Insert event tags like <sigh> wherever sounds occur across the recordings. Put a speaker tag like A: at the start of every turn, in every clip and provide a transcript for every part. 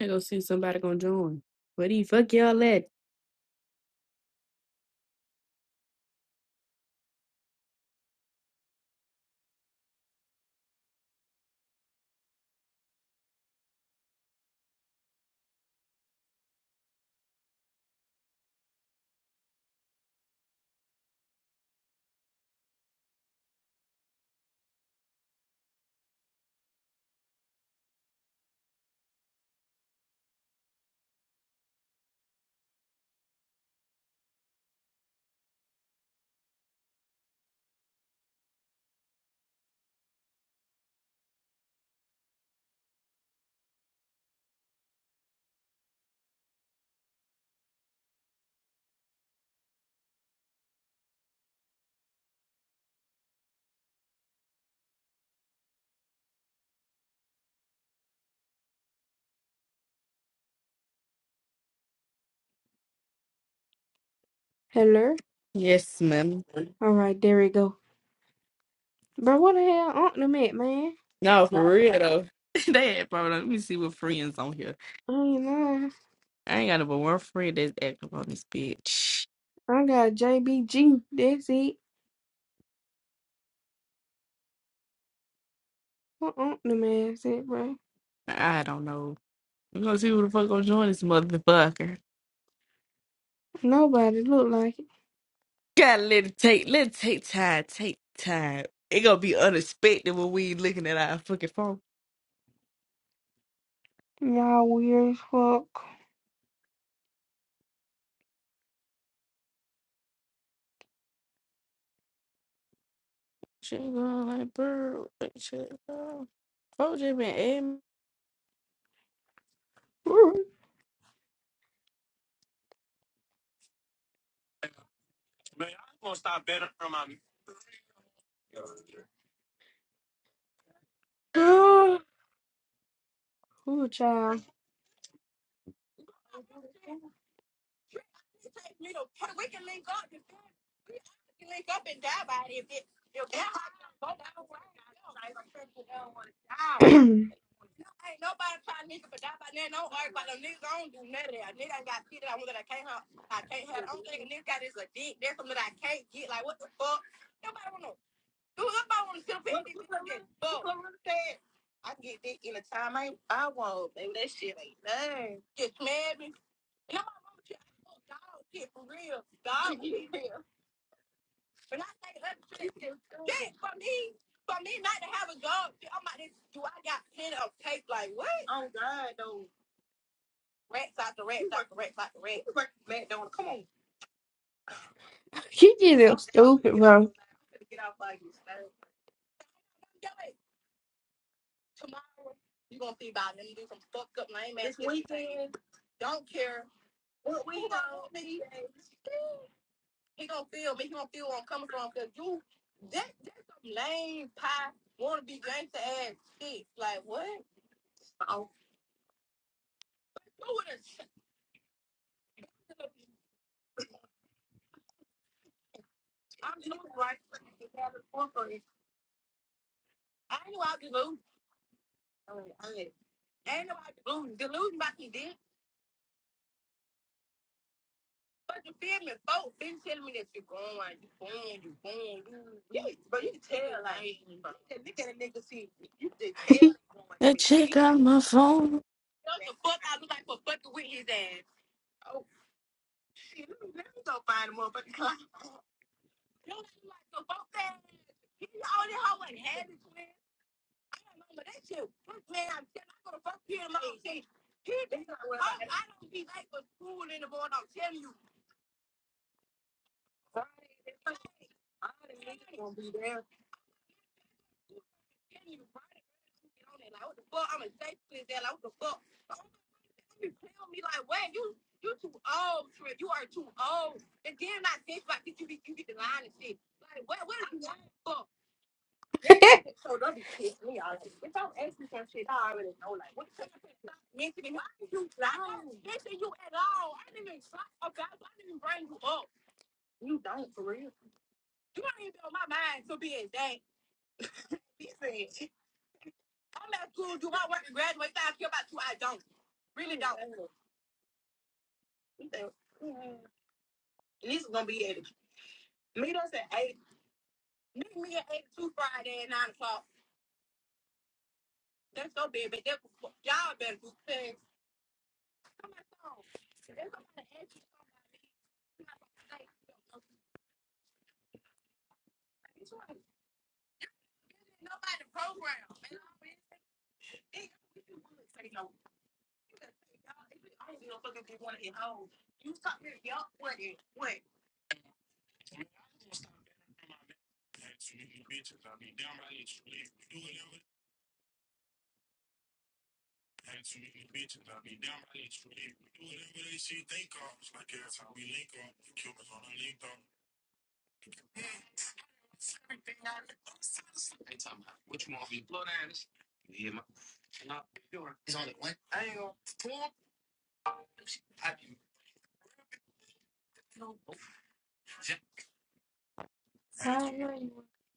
A: I go see somebody gonna join. Where the fuck y'all at?
B: Hello?
A: Yes, ma'am.
B: All right, there we go. Bro, what the hell on them at, man?
A: No,
B: I
A: for real though. <laughs> they had problems. Let me see what friends on here.
B: ain't lying.
A: I ain't got no but one friend that's active on this bitch.
B: I got JBG. That's it. What on them ass at, bro?
A: I don't know. We gonna see who the fuck gonna join this motherfucker.
B: Nobody look like it.
A: Gotta let it take let it take time, take time. It gonna be unexpected when we looking at our fucking phone.
B: Y'all weird as fuck.
A: She going like bro, like, shit. bro. Phone just been adding-
B: Ooh, <gasps> Ooh, child. <clears throat> you get it stupid, bro.
A: That chick on my phone.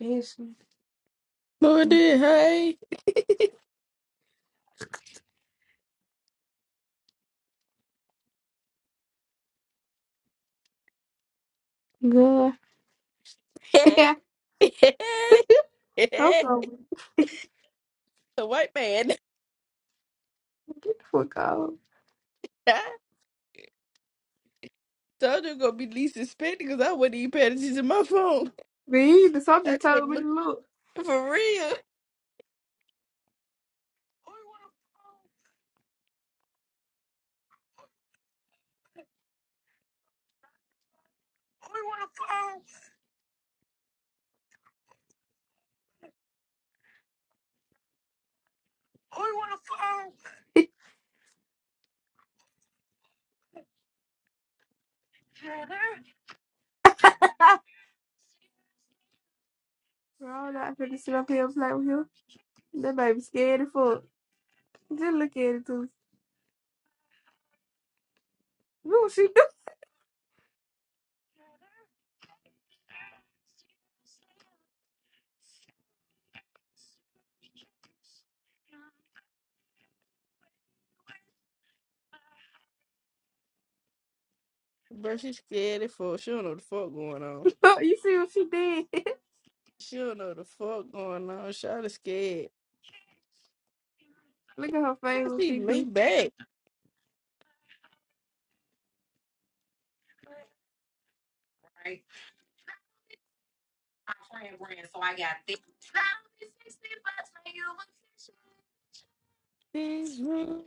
B: This
A: But it did, hey.
B: good.
A: <laughs>
B: <laughs>
A: <laughs> the
B: I'm so weird.
A: white man.
B: Get the fuck out.
A: <laughs> Told you gonna be least suspended because I wasn't even paying attention to my phone.
B: Me, the
A: <laughs>
B: something
A: That's just
B: told me to
A: looking
B: look.
A: for real.
B: <laughs> Bro, not finna sit up here and play with you. That baby scared as fuck. Just look at it too. Look what she do.
A: Bro, she's scared as fuck. She don't know the fuck going on.
B: <laughs> you see what she did. <laughs>
A: She don't know the fuck going on. Shawty scared.
B: look at her face
A: I
B: what
A: see
B: she
A: me
B: do.
A: back. Things wrong.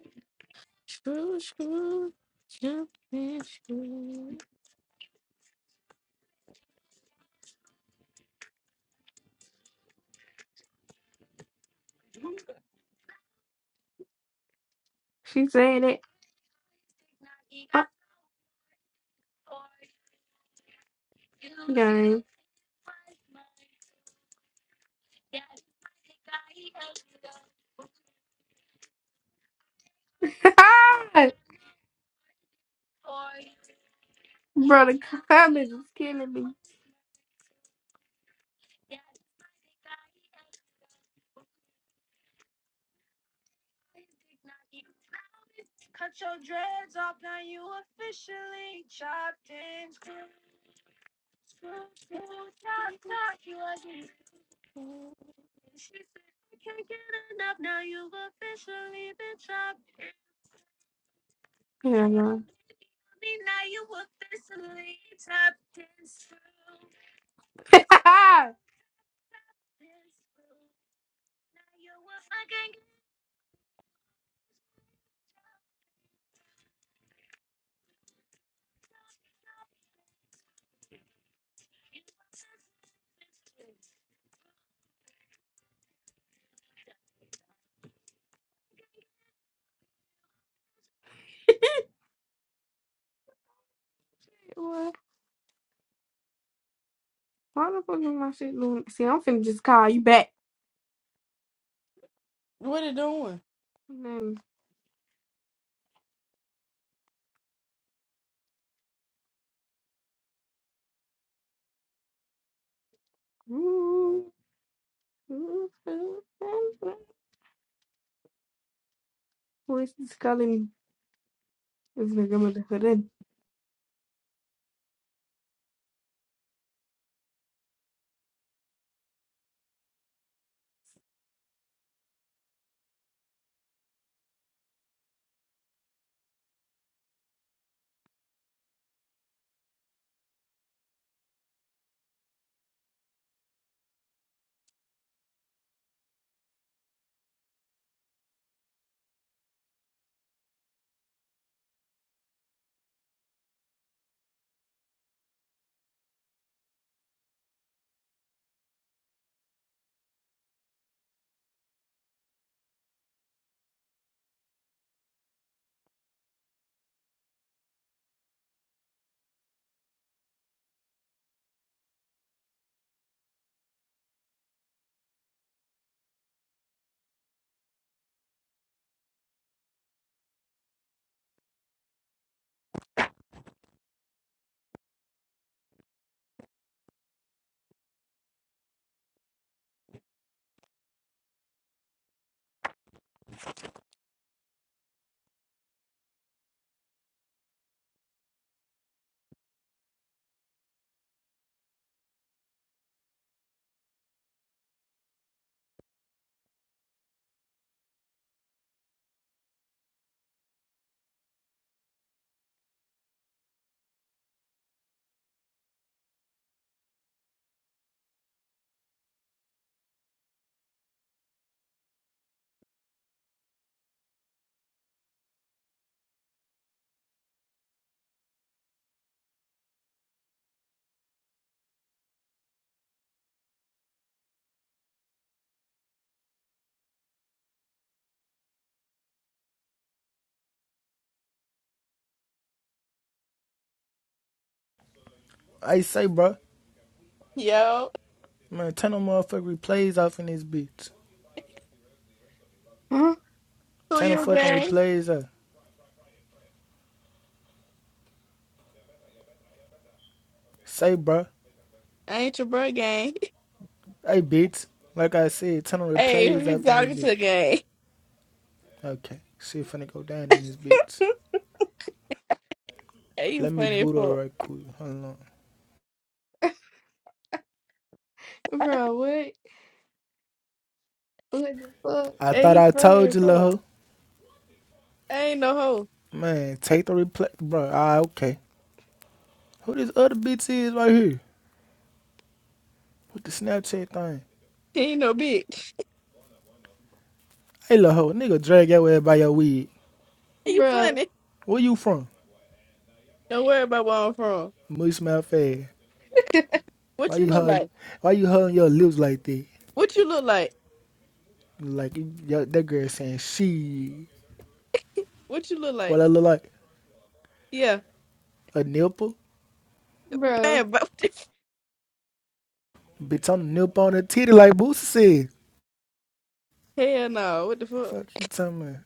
A: Screw, screw. Jump and screw.
B: She saying it. Uh, Game. <laughs> Bro, the comments is killing me. Yeah, no. What? Why the fuck is my shit doing? See, I'm finna just call you back.
A: What it doing?
B: And then, ooh, ooh, ooh, ooh. Who is this calling? me? This nigga motherfucker.
C: I say, bro,
A: Yo,
C: man, turn them motherfucking replays off in this bitch.
B: Huh?
A: who
C: Turn the
A: you
C: fucking
A: gang?
C: replays off. Say, bro,
A: I ain't your bro gang. <laughs>
C: hey, bitch. Like I said, turn the
A: Hey, who
C: replays
A: you
C: off in this
A: talking
C: bitch.
A: to gang?
C: Okay, shit finna go down in this bitch.
A: Hey, you
C: Let me
A: funny as
C: boot her
A: fuck.
C: right quick. Hold on.
B: Bro, what? What the fuck?
C: I
A: Hey,
C: thought
A: he
C: I
A: funny
C: told
A: as
C: you, lil'
A: fuck.
C: hoe.
A: I ain't no hoe.
C: Man, take the replay, bro. Ah, okay. Who this other bitch is right here with the Snapchat thing?
A: He ain't no bitch. <laughs>
C: Hey, lil' hoe, nigga, drag your ass by your wig.
A: Hey, you funny.
C: Where you from?
A: Don't worry about where I'm from.
C: Mush mouth ass. Why
A: What you
C: you
A: look
C: holding?
A: like?
C: Why you holding your lips like that?
A: What you look like?
C: Like yo, that girl saying she
A: What you look
C: what
A: like?
C: I look like
A: Yeah.
C: a nipple,
B: Bro.
A: Man, <laughs> but what the f-
C: bitch. I'm the nipple on a titty like Boosie said.
A: hell no. What the fuck?
C: Fuck you, talking about?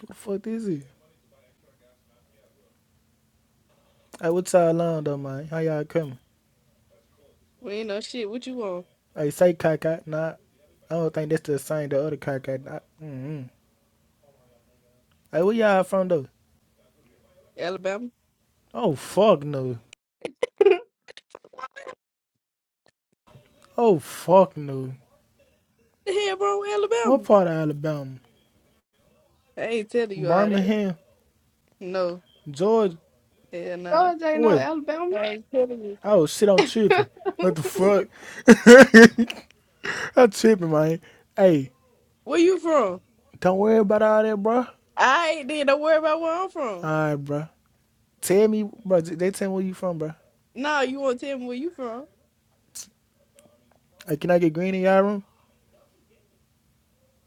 C: What the fuck is it? Hey, what's y'all on though, man? How y'all coming?
A: We ain't no shit. What you want?
C: Hey, say cockeyed. Nah, I don't think that's the same. The other cockeyed. Nah. Mm-mm. Hey, where y'all from though?
A: Alabama?
C: Oh fuck no.
B: <laughs>
C: Oh fuck no.
A: The hell wrong with
C: What
A: Alabama?
C: part of Alabama?
A: I ain't telling you all that.
C: Birmingham,
A: No.
C: Georgia.
A: Hell nah.
B: Georgia ain't no
C: Wait.
B: Alabama.
A: I ain't telling you.
C: Oh shit, I'm tripping.
B: <laughs>
C: What the fuck? <laughs> I'm tripping, man. Hey,
A: Where you from?
C: don't worry about all that, bro. All
A: I ain't then don't worry about where I'm from.
C: right, bro. Tell me, bro. They tell me where you from, bro.
A: Nah, you won't tell me where you from.
C: Hey, can I get green in y'all room?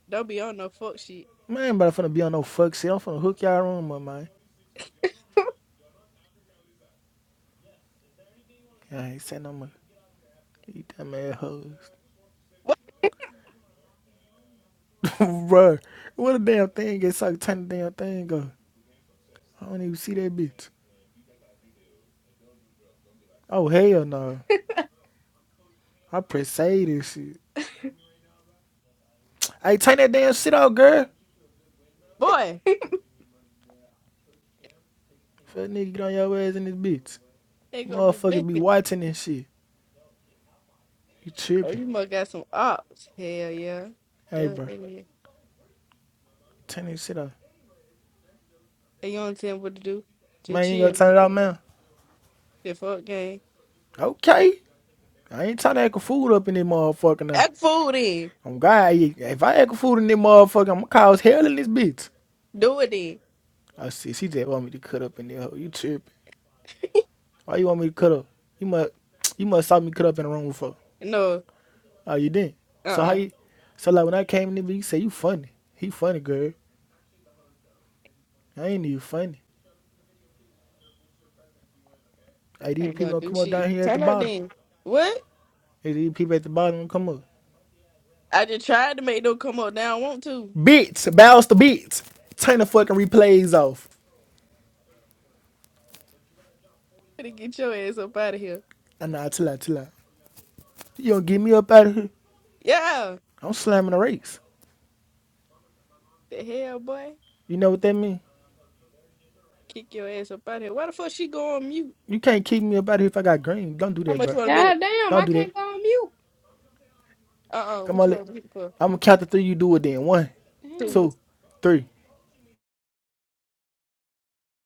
A: Don't be on no fuck shit.
C: Man, ain't about to finna be on no fuck shit. I'm finna hook y'all room up, man. I ain't saying no money. eat that ass hoes.
A: What
C: <laughs> bro, what a damn thing gets like turn the damn thing up. I don't even see that bitch. Oh, hell no. I press save this shit. Hey, turn that damn shit out, girl.
A: boy?
C: Fuck nigga, get on your ass in this bitch.
A: They gonna do
C: Motherfuckers be
A: bacon.
C: watching this shit. You
A: Oh,
C: tripping.
A: you must got some ops. Hell yeah.
C: Hey,
A: That's what
C: bro.
A: they is.
C: Turn this shit off.
A: Hey, you don't tell them what to do. Just
C: Man, you ain't gonna
A: chill.
C: turn it off, man.
A: Just fuck game.
C: Okay. I ain't trying to act a fool up in this motherfucker now.
A: Act fool then.
C: I'm God, if I act a fool in this motherfucker, I'm gonna cause hell in this bitch.
A: Do it then.
C: I see. She just want me to cut up in there. You tripping? Why you want me to cut up? You must, you must saw me cut up in the room before.
A: No,
C: Oh, you didn't.
A: uh
C: So how
A: uh
C: you? So like when I came in, there, you say you funny. He funny, girl. I ain't even funny. Hey, these
A: Ain't gonna
C: people gonna
A: do
C: come up down
A: shit.
C: here at the
A: Turn up
C: bottom.
A: then. What?
C: Hey, These people at the bottom gonna come up.
A: I just tried to make them come up now. I want to.
C: Bitch, bounce the bitch. Turn the fucking replays off.
A: Better get your ass up out of here.
C: I know. chill out, chill out. You gonna get me up out of here?
A: Yeah.
C: I'm slamming the race.
A: The hell, boy.
C: You know what that mean?
A: Kick your ass up out of here. Why the fuck she go on mute?
C: You can't kick me up out of here if I got green. Don't do
A: How
C: that,
A: much
C: bro.
A: you wanna bet?
C: Don't do that.
A: Uh uh
C: Come
A: What
C: on,
A: you
C: let,
A: wanna bet for?
C: I'm gonna count to three. You do it then. One,
B: Damn.
C: two, three.